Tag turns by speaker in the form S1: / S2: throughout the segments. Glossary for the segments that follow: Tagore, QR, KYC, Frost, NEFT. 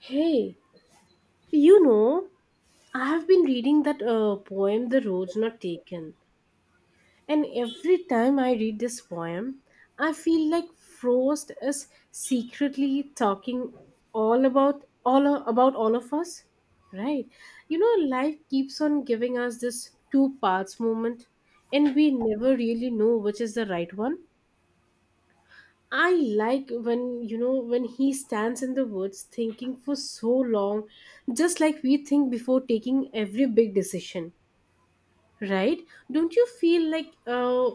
S1: Hey, you know, I have been reading that poem, The Roads Not Taken. And every time I read this poem, I feel like Frost is secretly talking all about all of us, right? You know, life keeps on giving us this two paths moment, and we never really know which is the right one. I like when you know when he stands in the woods thinking for so long, just like we think before taking every big decision, right? Don't you feel like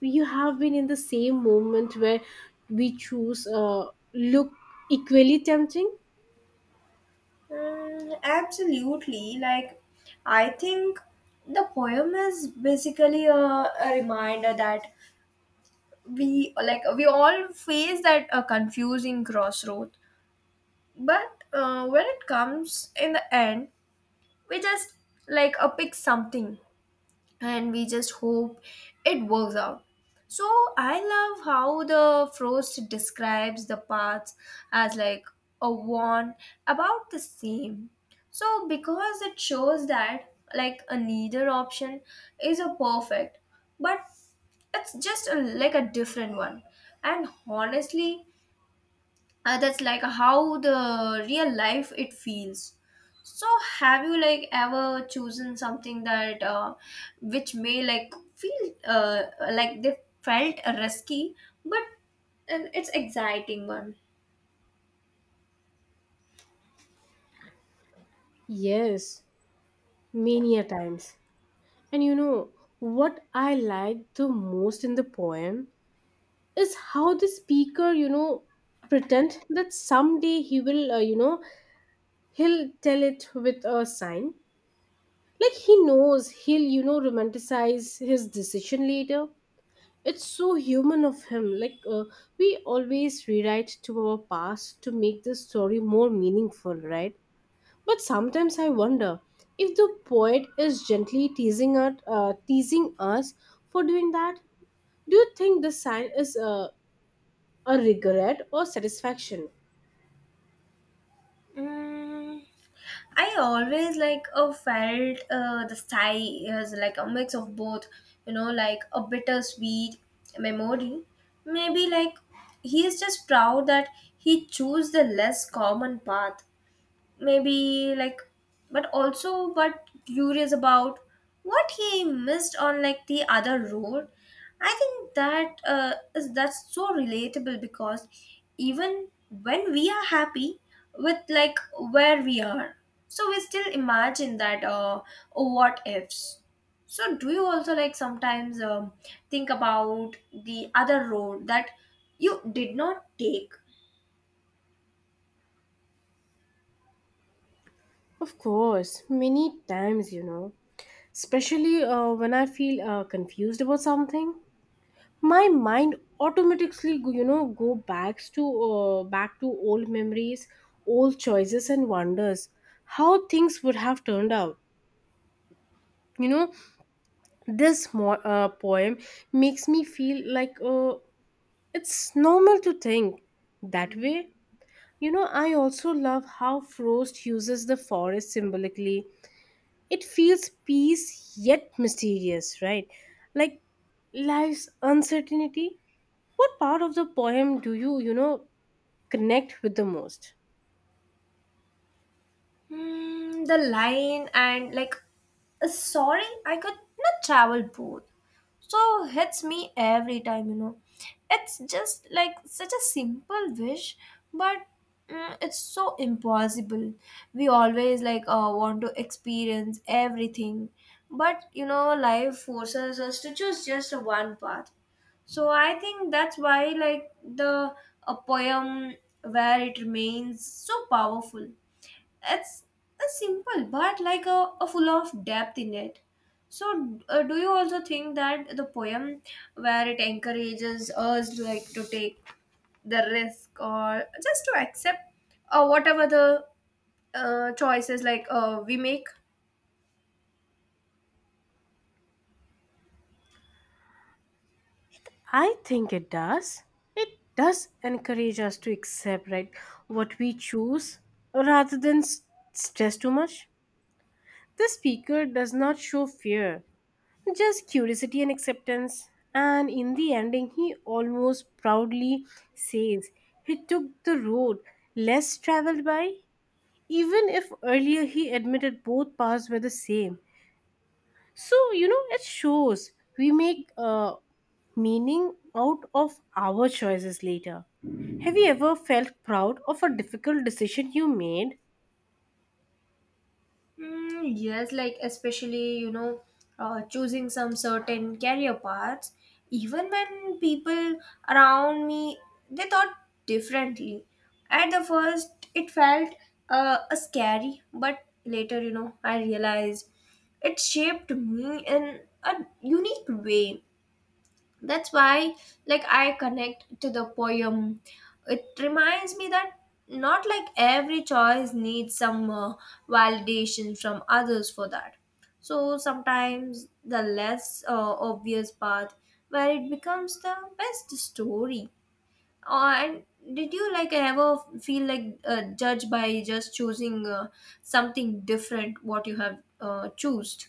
S1: you have been in the same moment where we choose look equally tempting?
S2: Mm, absolutely. I think the poem is basically a reminder that we all face that a confusing crossroad. But when it comes in the end, we just pick something and we just hope it works out. So I love how the Frost describes the paths as like a one about the same. So because it shows that like a neither option is a perfect, but it's just like a different one. And honestly, that's like how the real life it feels. So have you ever chosen something that which may feel like they felt risky, but it's exciting one?
S1: Yes, many a times. And you know what I like the most in the poem is how the speaker, you know, pretend that someday he will, you know, he'll tell it with a sign like he knows he'll you know romanticize his decision later. It's so human of him like we always rewrite to our past to make the story more meaningful, right? But sometimes I wonder if the poet is gently teasing us, teasing us for doing that. Do you think the sign is a regret or satisfaction?
S2: Mm, I always felt, the sigh is like a mix of both, you know, like a bittersweet memory. Maybe like he is just proud that he chose the less common path. Maybe like, but also but curious about what he missed on like the other road. I think that is that's so relatable because even when we are happy with like where we are, so we still imagine that oh, what ifs. So do you also like sometimes think about the other road that you did not take?
S1: Of course, many times, you know, especially when I feel confused about something, my mind automatically you know go back to old memories, old choices, and wonders how things would have turned out. You know, this poem makes me feel like it's normal to think that way. You know, I also love how Frost uses the forest symbolically. It feels peace yet mysterious, right? Like life's uncertainty. What part of the poem do you, you know, connect with the most?
S2: Hmm, the line sorry, I could not travel both." So hits me every time, you know. It's just like such a simple wish, but mm, it's so impossible. We always want to experience everything, but you know, life forces us to choose just one path. So I think that's why the a poem where it remains so powerful. It's a simple but like a full of depth in it. So do you also think that the poem where it encourages us like to take the risk or just to accept whatever the choices we make?
S1: I think it does. It does encourage us to accept, right, what we choose rather than stress too much. The speaker does not show fear, just curiosity and acceptance. And in the ending, he almost proudly says he took the road less traveled by, even if earlier he admitted both paths were the same. So, you know, it shows we make meaning out of our choices later. Have you ever felt proud of a difficult decision you made?
S2: Mm, yes, like especially, you know, choosing some certain career paths. Even when people around me, they thought differently. At the first, it felt a scary, but later, you know, I realized it shaped me in a unique way. That's why like I connect to the poem. It reminds me that not like every choice needs some validation from others for that. So sometimes the less obvious path where it becomes the best story. And did you ever feel like judged by just choosing something different what you have chosen?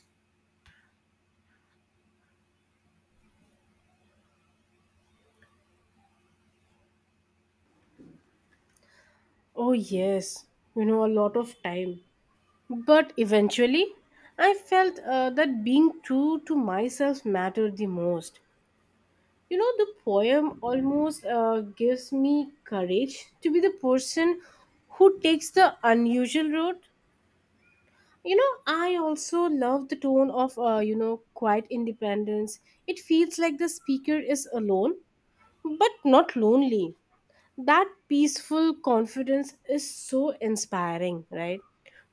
S1: Oh, yes, you know, a lot of time. But eventually, I felt that being true to myself mattered the most. You know, the poem almost gives me courage to be the person who takes the unusual road. You know, I also love the tone of, you know, quiet independence. It feels like the speaker is alone, but not lonely. That peaceful confidence is so inspiring, right?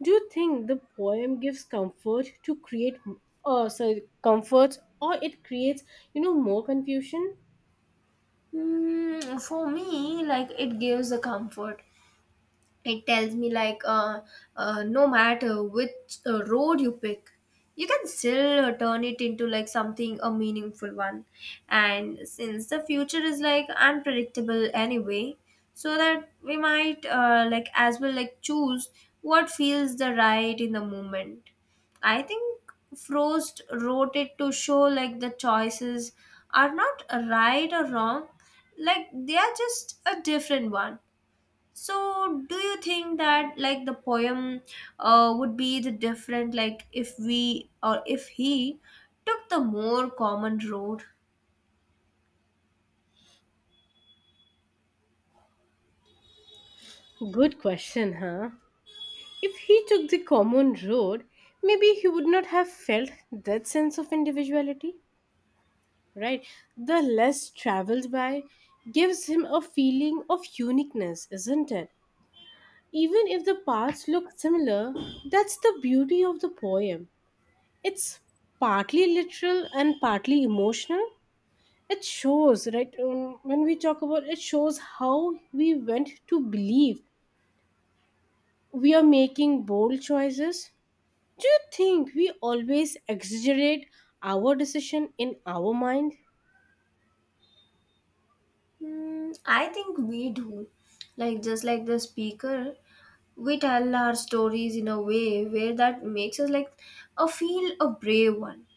S1: Do you think the poem gives comfort to create, comfort or it creates, you know, more confusion?
S2: Mm, for me, like it gives a comfort. It tells me no matter which road you pick, you can still turn it into like something a meaningful one. And since the future is like unpredictable anyway, so that we might like as well like choose what feels the right in the moment. I think Frost wrote it to show like the choices are not right or wrong. Like they are just a different one. So, do you think that like the poem would be the different like if we or if he took the more common road?
S1: Good question, huh? If he took the common road, maybe he would not have felt that sense of individuality, right? The less traveled by gives him a feeling of uniqueness, isn't it? Even if the parts look similar, that's the beauty of the poem. It's partly literal and partly emotional. It shows, right? When we talk about it, shows how we went to believe we are making bold choices. Do you think we always exaggerate our decision in our mind?
S2: Hmm, I think we do. Like just like the speaker, we tell our stories in a way where that makes us like a feel a brave one.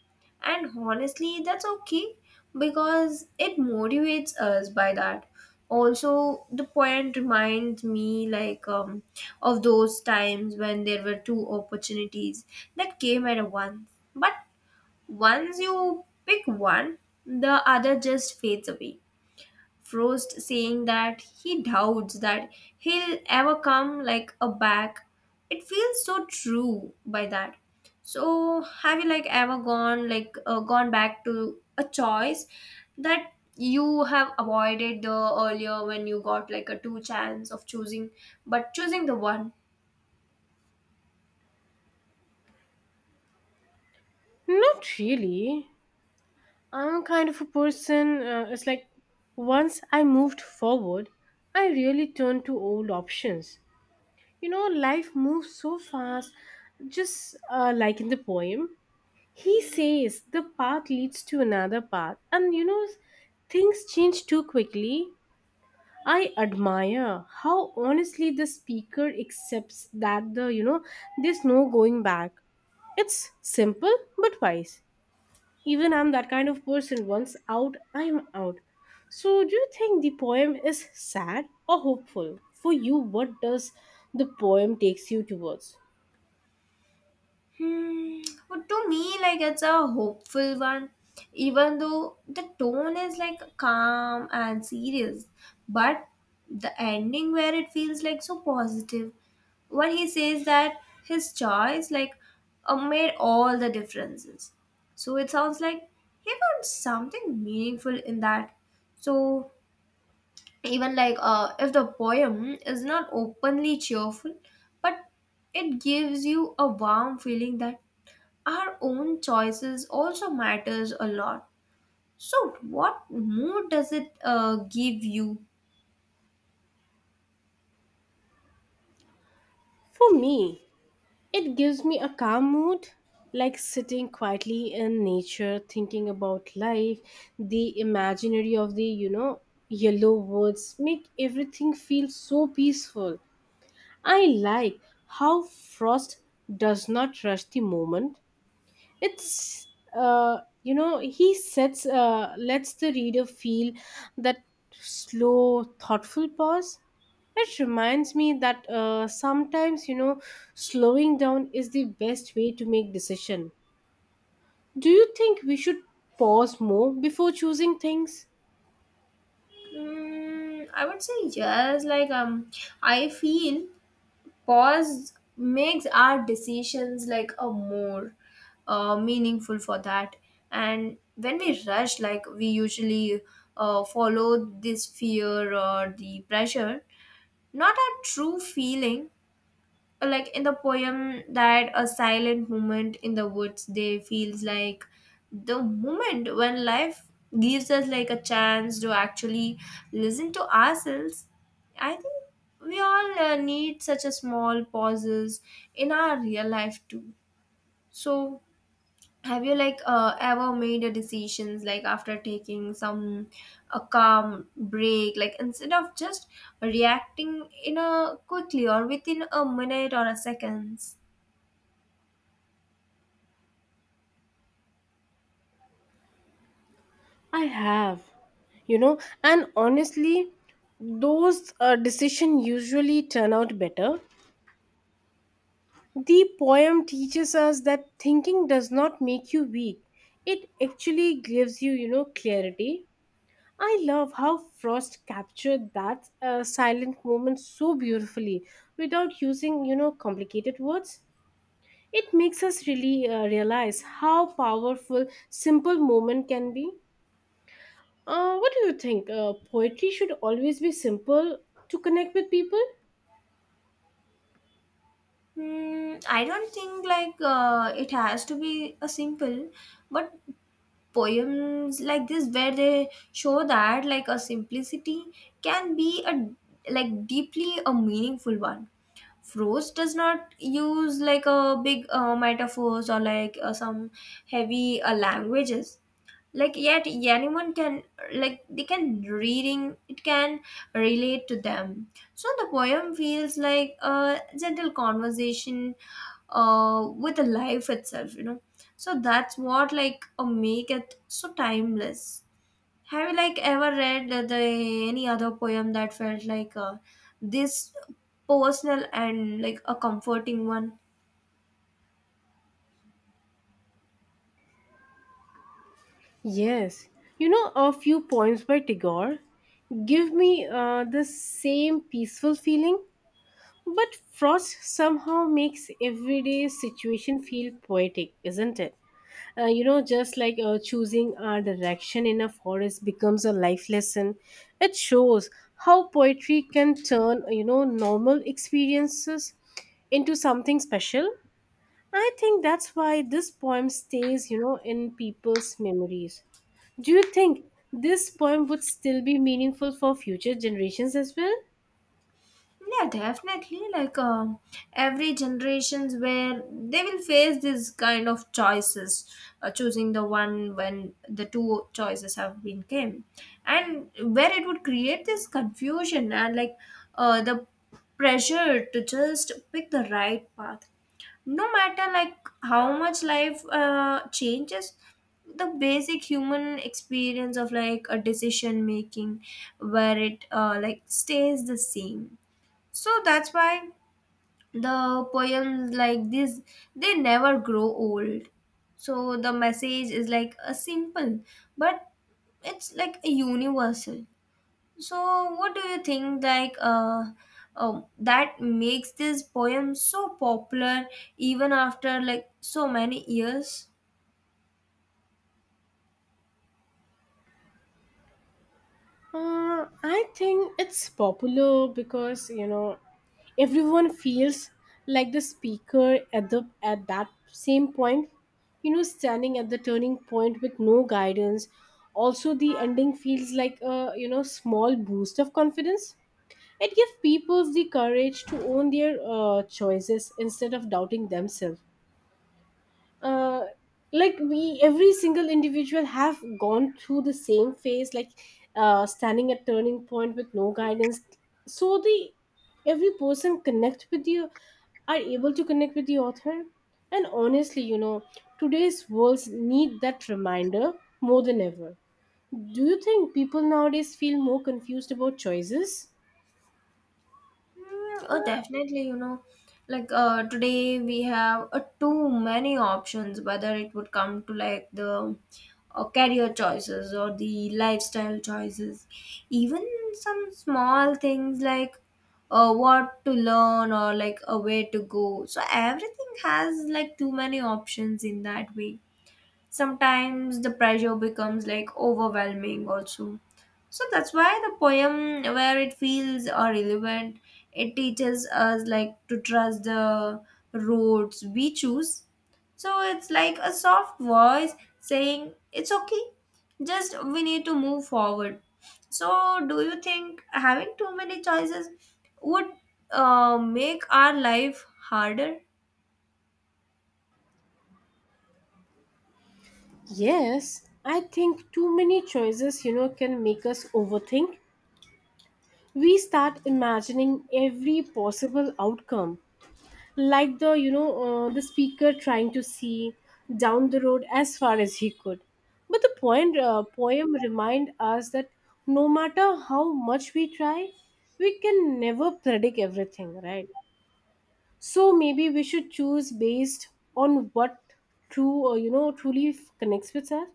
S2: And honestly, that's okay because it motivates us by that. Also the point reminds me like of those times when there were two opportunities that came at once. But once you pick one, the other just fades away. Frost saying that he doubts that he'll ever come like a back. It feels so true by that. So have you ever gone like gone back to a choice that you have avoided the earlier when you got like a two chance of choosing but choosing the one?
S1: Not really. I'm kind of a person, it's like once I moved forward, I really turned to old options. You know, life moves so fast, just like in the poem. He says the path leads to another path, and you know, things change too quickly. I admire how honestly the speaker accepts that the you know, there's no going back. It's simple but wise. Even I'm that kind of person. Once out, I'm out. So, do you think the poem is sad or hopeful? For you, what does the poem takes you towards?
S2: Hmm. But to me, like it's a hopeful one, even though the tone is like calm and serious. But the ending where it feels like so positive when he says that his choice like made all the differences. So it sounds like he found something meaningful in that. So even like if the poem is not openly cheerful, but it gives you a warm feeling that our own choices also matters a lot. So what mood does it give you?
S1: For me, it gives me a calm mood, like sitting quietly in nature, thinking about life. The imaginary of the, you know, yellow woods make everything feel so peaceful. I like how Frost does not rush the moment. It's uh, you know, he sets lets the reader feel that slow thoughtful pause. It reminds me that sometimes, you know, slowing down is the best way to make decision. Do you think we should pause more before choosing things?
S2: Mm, I would say yes, like um, I feel pause makes our decisions like a more meaningful for that. And when we rush like we usually follow this fear or the pressure, not our true feeling. Like in the poem, that a silent moment in the woods they feels like the moment when life gives us like a chance to actually listen to ourselves. I think we all need such a small pauses in our real life too. So have you ever made a decisions like after taking some a calm break like instead of just reacting in a quickly or within a minute or a seconds?
S1: I have, you know, and honestly, those decisions usually turn out better. The poem teaches us that thinking does not make you weak. It actually gives you, you know, clarity. I love how Frost captured that silent moment so beautifully without using, you know, complicated words. It makes us really realize how powerful simple moment can be. What do you think? Poetry should always be simple to connect with people?
S2: Hmm, I don't think it has to be a simple, but poems like this where they show that like a simplicity can be a like deeply a meaningful one. Prose does not use like a big metaphors or like some heavy languages. Like yet anyone can like they can reading it can relate to them. So the poem feels like a gentle conversation with the life itself, you know. So that's what like make it so timeless. Have you like ever read any other poem that felt like this personal and like a comforting one?
S1: Yes, you know, a few poems by Tagore give me the same peaceful feeling, but Frost somehow makes everyday situation feel poetic, isn't it? You know, just like choosing a direction in a forest becomes a life lesson. It shows how poetry can turn, you know, normal experiences into something special. I think that's why this poem stays, you know, in people's memories. Do you think this poem would still be meaningful for future generations as well?
S2: Yeah, definitely. Like every generations where they will face this kind of choices, choosing the one when the two choices have been came, and where it would create this confusion and like the pressure to just pick the right path. No matter like how much life changes, the basic human experience of like a decision making where it like stays the same. So that's why the poems like this, they never grow old. So the message is like a simple, but it's like a universal. So what do you think like that makes this poem so popular even after like so many years?
S1: I think it's popular because, you know, everyone feels like the speaker at that same point, you know, standing at the turning point with no guidance. Also, the ending feels like a, you know, small boost of confidence. It gives people the courage to own their choices instead of doubting themselves. Uh, like we, every single individual have gone through the same phase, like standing at turning point with no guidance. So the every person connect with you are able to connect with the author. And honestly, you know, today's worlds need that reminder more than ever. Do you think people nowadays feel more confused about choices?
S2: Mm, oh, definitely, you know, like today we have too many options, whether it would come to like the career choices or the lifestyle choices, even some small things like what to learn or like a way to go. So everything has like too many options in that way. Sometimes the pressure becomes like overwhelming also. So that's why the poem where it feels relevant. It teaches us like to trust the roads we choose. So it's like a soft voice saying it's okay, just we need to move forward. So do you think having too many choices would make our life harder?
S1: Yes, I think too many choices, you know, can make us overthink. We start imagining every possible outcome, like the, you know, the speaker trying to see down the road as far as he could. But the point, poem remind us that no matter how much we try, we can never predict everything, right? So maybe we should choose based on what true or you know truly connects with us.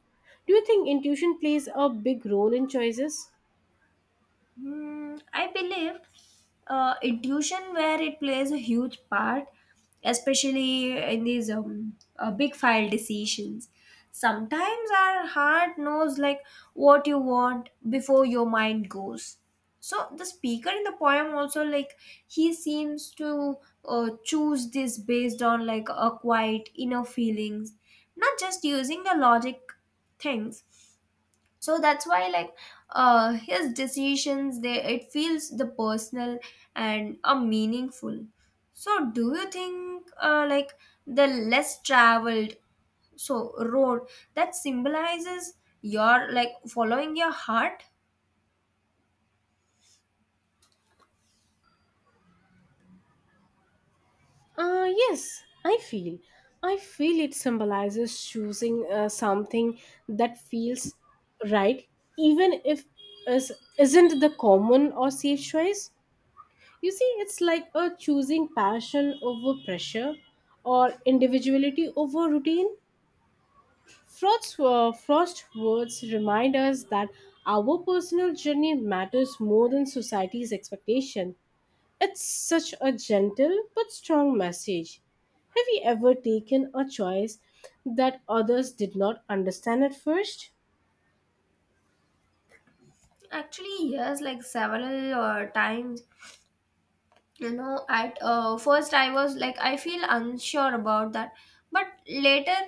S1: Do you think intuition plays a big role in choices?
S2: Hmm, I believe intuition where it plays a huge part, especially in these big file decisions. Sometimes our heart knows like what you want before your mind goes. So the speaker in the poem also like he seems to choose this based on like a quiet inner feelings, not just using the logic things. So that's why like his decisions they it feels the personal and meaningful. So do you think like the less traveled so road that symbolizes your like following your heart?
S1: Yes, I feel, I feel it symbolizes choosing something that feels right, even if is isn't the common or safe choice. You see, it's like a choosing passion over pressure or individuality over routine. Frost's words remind us that our personal journey matters more than society's expectation. It's such a gentle but strong message. Have you ever taken a choice that others did not understand at first?
S2: Actually yes, like several times, you know. At first I was like I feel unsure about that. But later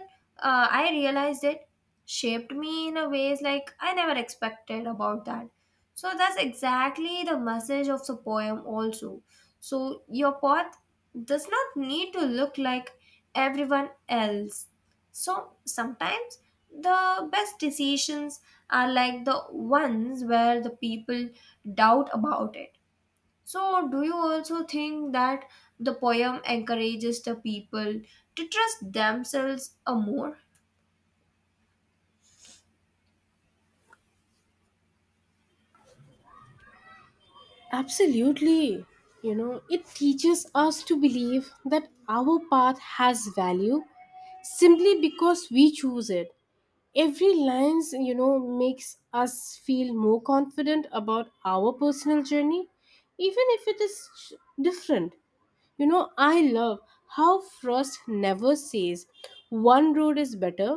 S2: I realized it shaped me in a ways like I never expected about that. So that's exactly the message of the poem also. So your path does not need to look like everyone else. So sometimes the best decisions are like the ones where the people doubt about it. So, do you also think that the poem encourages the people to trust themselves a more?
S1: Absolutely. You know, it teaches us to believe that our path has value simply because we choose it. Every lines, you know, makes us feel more confident about our personal journey, even if it is different. You know, I love how Frost never says one road is better.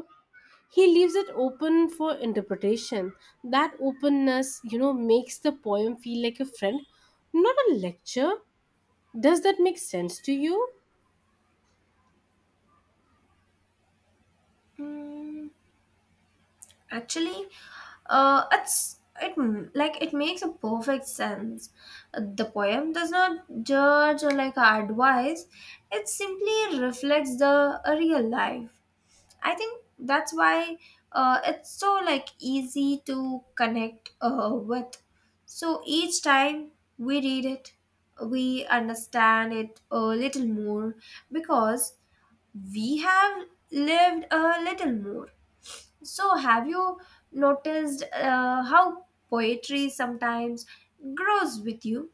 S1: He leaves it open for interpretation. That openness, you know, makes the poem feel like a friend, not a lecture. Does that make sense to you?
S2: Mm, actually, it's like it makes a perfect sense. The poem does not judge or like advise; it simply reflects the real life. I think that's why it's so like easy to connect with. So each time we read it, we understand it a little more because we have lived a little more. So have you noticed how poetry sometimes grows with you?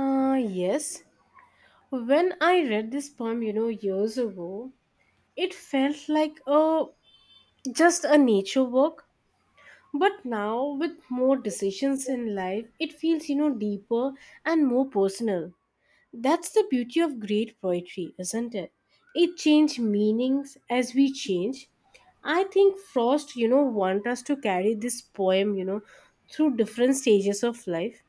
S1: Yes, when I read this poem, you know, years ago, it felt like a just a nature walk, but now with more decisions in life, it feels, you know, deeper and more personal. That's the beauty of great poetry, isn't it? It changes meanings as we change. I think Frost, you know, want us to carry this poem, you know, through different stages of life.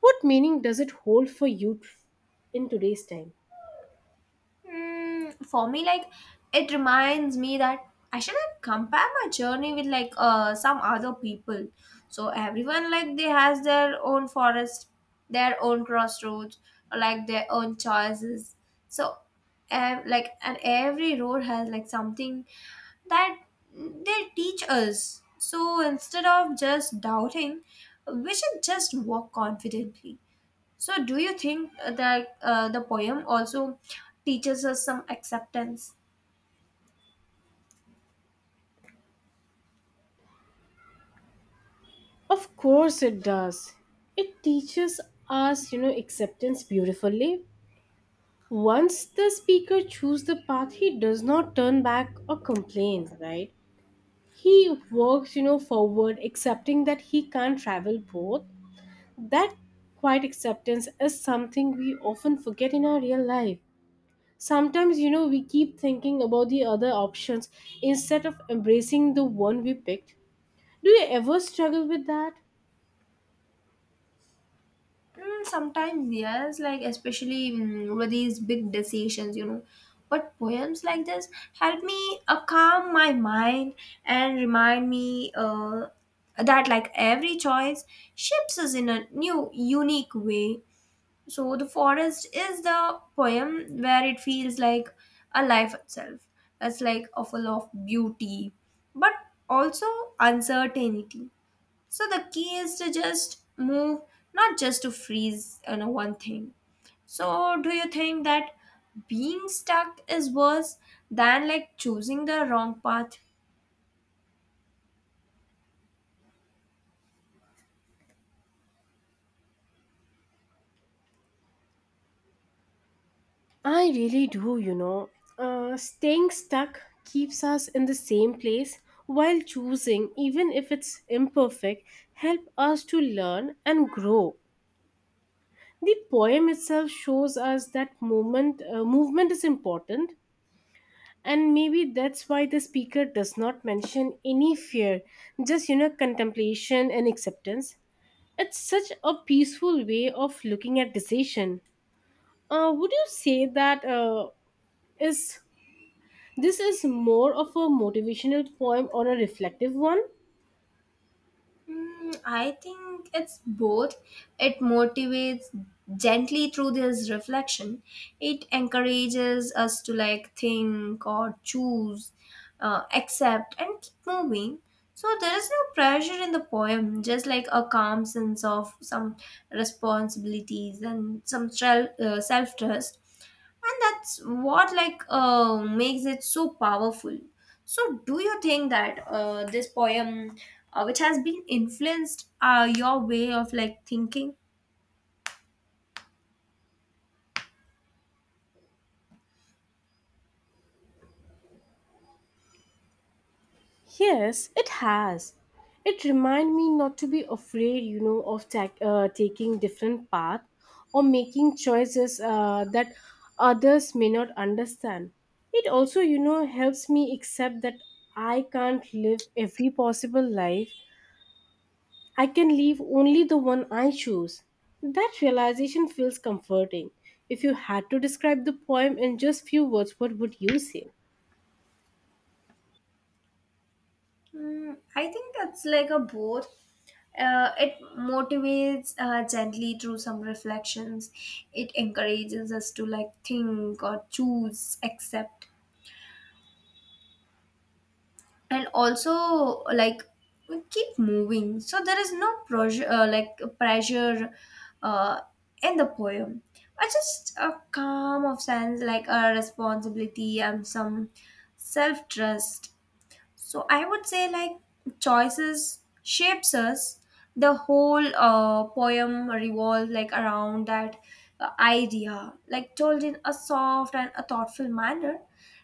S1: What meaning does it hold for you in today's time?
S2: Mm, for me, like it reminds me that I shouldn't compare my journey with like some other people. So everyone like they has their own forest, their own crossroads, or like their own choices. So, like and every road has like something that they teach us. So instead of just doubting, we should just walk confidently. So, do you think that the poem also teaches us some acceptance?
S1: Of course it does. It teaches us, you know, acceptance beautifully. Once the speaker chooses the path, he does not turn back or complain, right? He works, you know, forward, accepting that he can't travel both. That quiet acceptance is something we often forget in our real life. Sometimes, you know, we keep thinking about the other options instead of embracing the one we picked. Do you ever struggle with that?
S2: Mm, sometimes, yes, like especially mm, with these big decisions, you know. But poems like this help me calm my mind and remind me that, like, every choice shapes us in a new, unique way. So the forest is the poem where it feels like a life itself. It's like a full of beauty, but also uncertainty. So the key is to just move, not just to freeze you know, one thing. So do you think that being stuck is worse than like choosing the wrong path?
S1: I really do, you know. Staying stuck keeps us in the same place while choosing, even if it's imperfect, help us to learn and grow. The poem itself shows us that movement is important, and maybe that's why the speaker does not mention any fear, just, you know, contemplation and acceptance. It's such a peaceful way of looking at decision. Would you say that is this is more of a motivational poem or a reflective one?
S2: I think it's both. It motivates gently through this reflection. It encourages us to like think or choose, accept, and keep moving. So there is no pressure in the poem, just like a calm sense of some responsibilities and some self trust, and that's what like makes it so powerful. So do you think that this poem which has been influenced your way of like thinking?
S1: Yes, it has. It reminds me not to be afraid, you know, of taking different path or making choices that others may not understand. It also, you know, helps me accept that I can't live every possible life. I can leave only the one I choose. That realization feels comforting. If you had to describe the poem in just few words, what would you say?
S2: I think that's like a both. It motivates gently through some reflections. It encourages us to like think or choose, accept, and also like keep moving. So there is no pressure uh, in the poem. I just a calm of sense like a responsibility and some self-trust. So I would say like choices shapes us. The whole poem revolves like around that idea, like told in a soft and a thoughtful manner.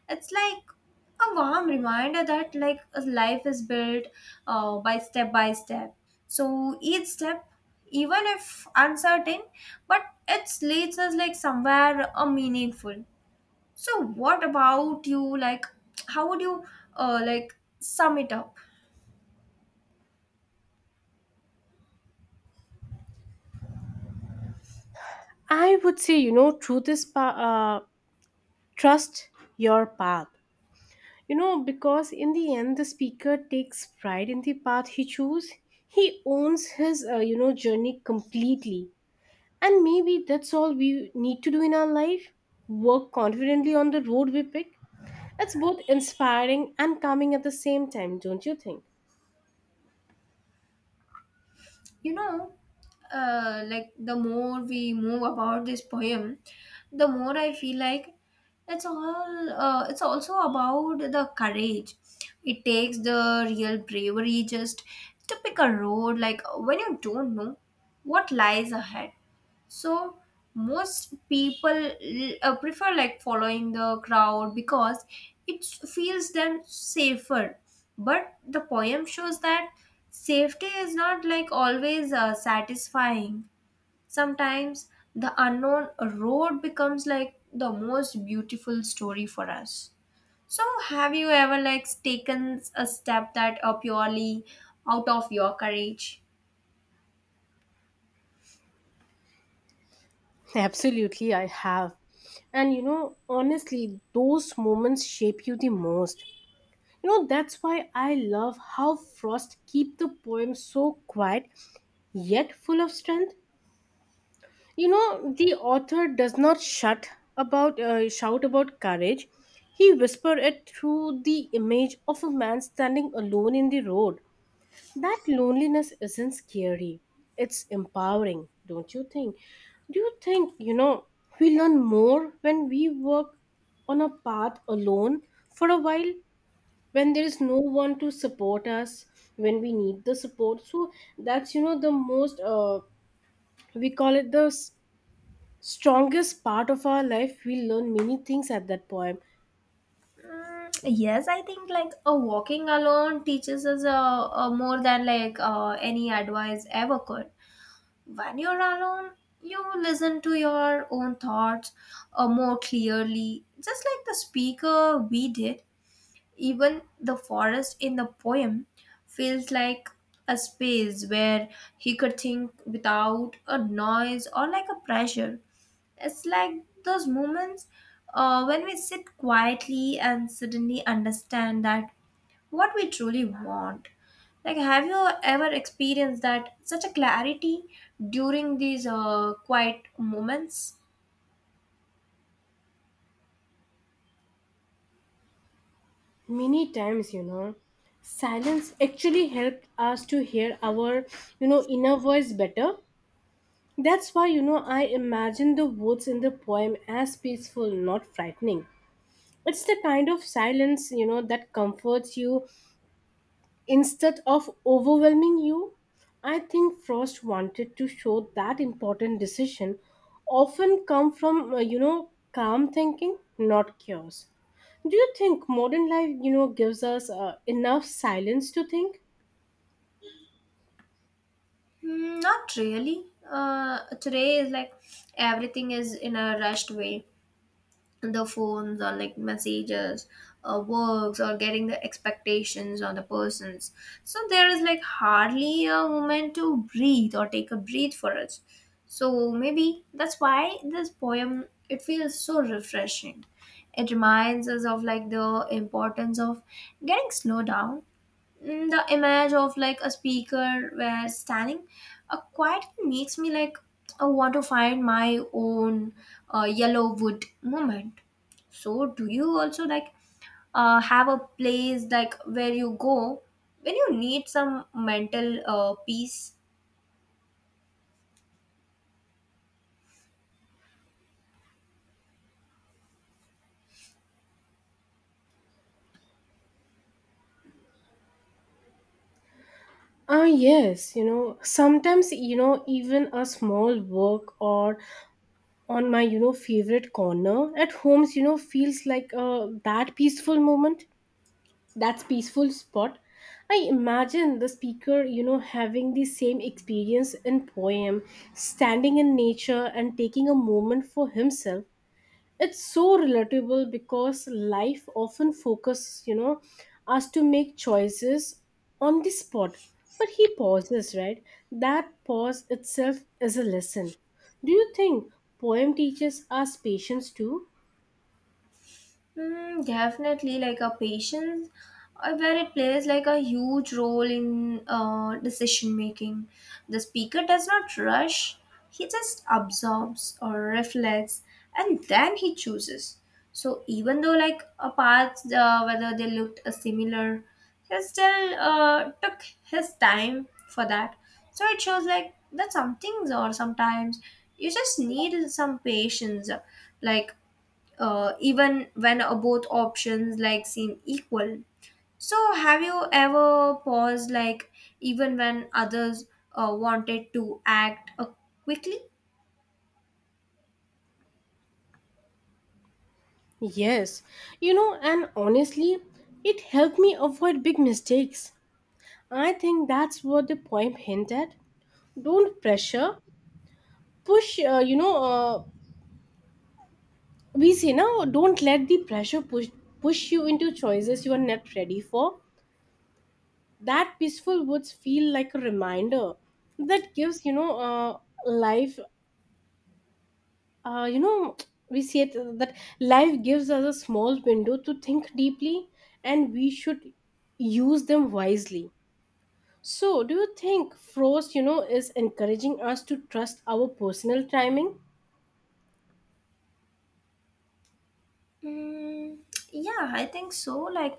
S2: It's like a warm reminder that like a life is built by step by step. So each step, even if uncertain, but it leads us like somewhere meaningful. So what about you? Like, how would you like sum it up?
S1: I would say, you know, truth is trust your path. You know, because in the end, the speaker takes pride in the path he chose. He owns his, you know, journey completely. And maybe that's all we need to do in our life, work confidently on the road we pick. It's both inspiring and calming at the same time, don't you think?
S2: You know, like the more we move about this poem, the more I feel like it's all. It's also about the courage. It takes the real bravery just to pick a road. Like when you don't know what lies ahead, so most people prefer like following the crowd because it feels them safer, but the poem shows that safety is not like always satisfying. Sometimes the unknown road becomes like the most beautiful story for us. So have you ever like taken a step that are purely out of your courage?
S1: Absolutely, I have. And you know, honestly, those moments shape you the most. You know, that's why I love how Frost keep the poem so quiet yet full of strength. You know, the author does not shut about shout about courage. He whisper it through the image of a man standing alone in the road. That loneliness isn't scary. It's empowering, don't you think? Do you think, you know, we learn more when we work on a path alone for a while, when there is no one to support us, when we need the support? So that's, you know, the most, we call it the strongest part of our life. We learn many things at that point,
S2: Mm, yes, I think like a walking alone teaches us a more than like any advice ever could. When you're alone, you listen to your own thoughts more clearly, just like the speaker we did. Even the forest in the poem feels like a space where he could think without a noise or like a pressure. It's like those moments when we sit quietly and suddenly understand that what we truly want. Like, have you ever experienced that such a clarity during these quiet moments?
S1: many times, you know. Silence actually helped us to hear our, you know, inner voice better. That's why, you know, I imagine the woods in the poem as peaceful, not frightening. It's the kind of silence, you know, that comforts you instead of overwhelming you. I think Frost wanted to show that important decision often come from, you know, calm thinking, not chaos. Do you think modern life, you know, gives us enough silence to think?
S2: Hmm, not really. Today is like everything is in a rushed way. The phones or like messages or works or getting the expectations on the persons, so there is like hardly a moment to breathe or take a breath for us. So maybe that's why this poem it feels so refreshing. It reminds us of like the importance of getting slow down. The image of like a speaker where standing quietly makes me like I want to find my own yellow wood moment. So do you also like have a place like where you go when you need some mental peace?
S1: Ah, yes, you know, sometimes, you know, even a small work or on my you know favorite corner at homes you know feels like that peaceful moment, that's peaceful spot. I imagine the speaker you know having the same experience in poem, standing in nature and taking a moment for himself. It's so relatable because life often focuses you know us to make choices on the spot, but he pauses right, that pause itself is a lesson. Do you think poem teaches us patience too?
S2: Definitely, like a patience, where it plays like a huge role in decision making. The speaker does not rush; he just absorbs or reflects, and then he chooses. So even though like a path, whether they looked similar, he still took his time for that. So it shows like that some things or sometimes you just need some patience, like even when both options like seem equal. So have you ever paused like even when others wanted to act quickly?
S1: Yes, you know, and honestly it helped me avoid big mistakes. I think that's what the poem hinted at. Don't pressure push you know we say now, don't let the pressure push you into choices you are not ready for. That peaceful woods feel like a reminder that gives you know life, you know, we say it, that life gives us a small window to think deeply and we should use them wisely. So do you think Frost you know is encouraging us to trust our personal timing?
S2: mm, yeah, I think so. Like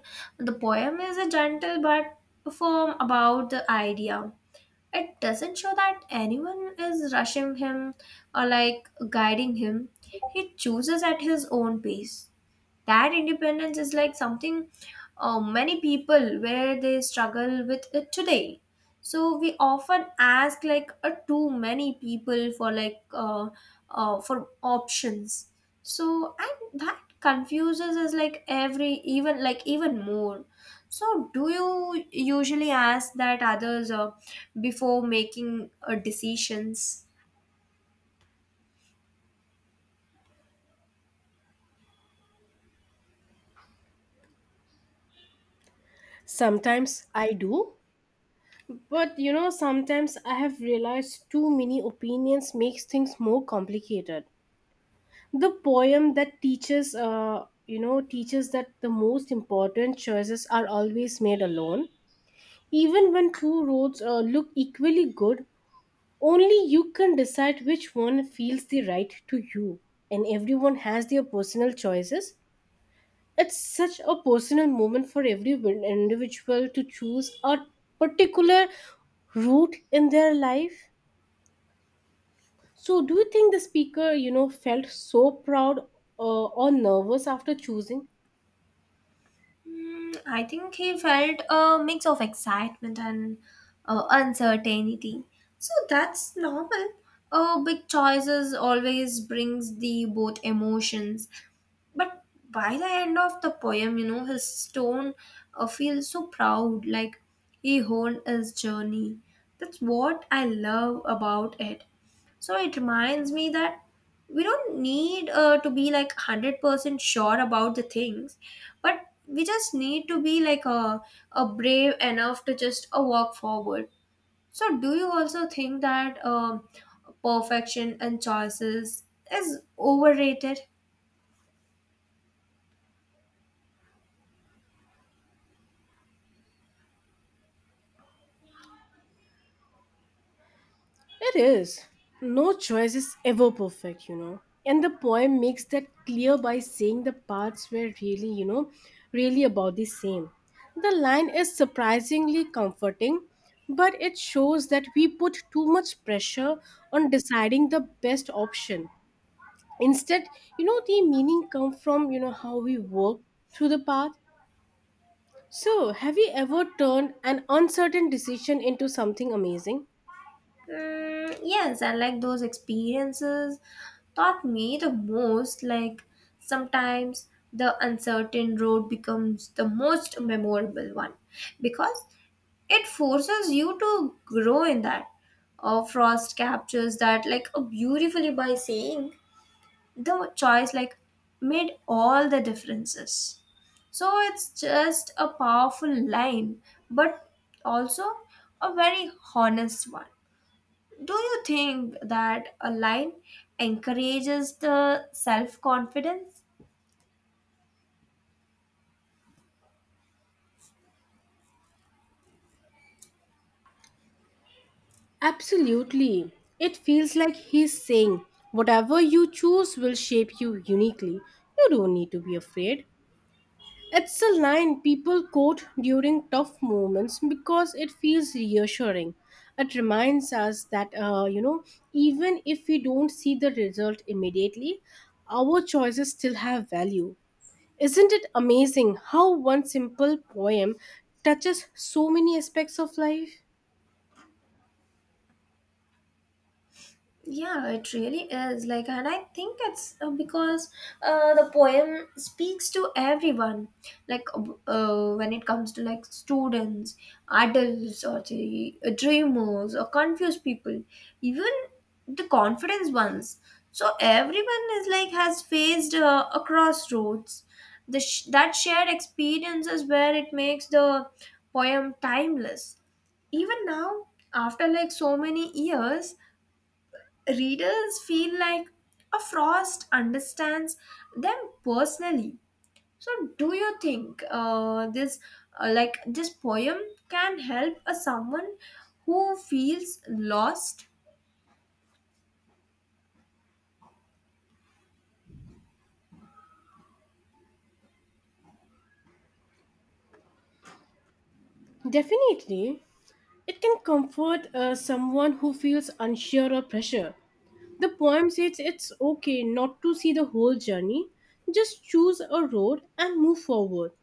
S2: the poem is a gentle but firm about the idea. It doesn't show that anyone is rushing him or like guiding him. He chooses at his own pace. That independence is like something many people where they struggle with it today. So we often ask like too many people for like for options. So and that confuses us like every even like even more. So do you usually ask that others before making decisions?
S1: Sometimes I do. But you know, sometimes I have realized too many opinions makes things more complicated. The poem that teaches, you know, teaches that the most important choices are always made alone. Even when two roads look equally good, only you can decide which one feels the right to you. And everyone has their personal choices. It's such a personal moment for every individual to choose a particular route in their life. So, do you think the speaker, you know, felt so proud or nervous after choosing?
S2: I think he felt a mix of excitement and uncertainty. So that's normal. Big choices always brings the both emotions. But by the end of the poem, you know, his tone feels so proud, like he honed his journey. That's what I love about it. So it reminds me that we don't need to be like 100% sure about the things, but we just need to be like a brave enough to just walk forward. So, do you also think that perfection and choices is overrated?
S1: It is. No choice is ever perfect, you know. And the poem makes that clear by saying the parts were really, you know, really about the same. The line is surprisingly comforting, but it shows that we put too much pressure on deciding the best option. Instead, you know, the meaning come from, you know, how we work through the path. So, have you ever turned an uncertain decision into something amazing?
S2: Yes, and like those experiences taught me the most. Like sometimes the uncertain road becomes the most memorable one because it forces you to grow in that. Frost captures that like beautifully by saying the choice like made all the differences. So it's just a powerful line, but also a very honest one. Do you think that a line encourages the self confidence?
S1: Absolutely. It feels like he's saying, whatever you choose will shape you uniquely. You don't need to be afraid. It's a line people quote during tough moments because it feels reassuring. It reminds us that, you know, even if we don't see the result immediately, our choices still have value. Isn't it amazing how one simple poem touches so many aspects of life?
S2: Yeah, it really is. Like, and I think it's because the poem speaks to everyone. Like, when it comes to like students, adults, or the dreamers, or confused people, even the confidence ones. So everyone is like has faced a crossroads. That shared experience is where it makes the poem timeless. Even now, after like so many years, readers feel like a Frost understands them personally. So do you think this like this poem can help a someone who feels lost?
S1: Definitely, it can comfort someone who feels unsure or pressure. The poem says it's okay not to see the whole journey, just choose a road and move forward.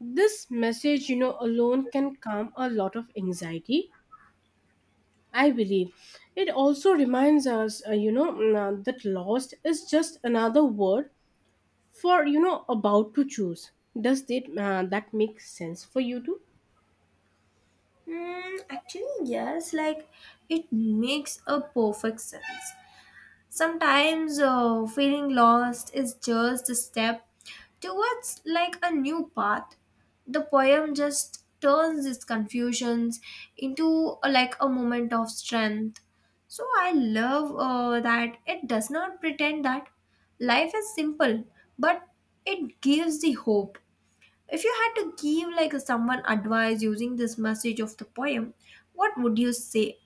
S1: This message, you know, alone can calm a lot of anxiety, I believe. It also reminds us, that lost is just another word for you know about to choose. Does that make sense for you too?
S2: Hmm, actually yes, like it makes a perfect sense. Sometimes feeling lost is just a step towards like a new path. The poem just turns these confusions into like a moment of strength. So I love that it does not pretend that life is simple, but it gives the hope. If you had to give like someone advice using this message of the poem, what would you say?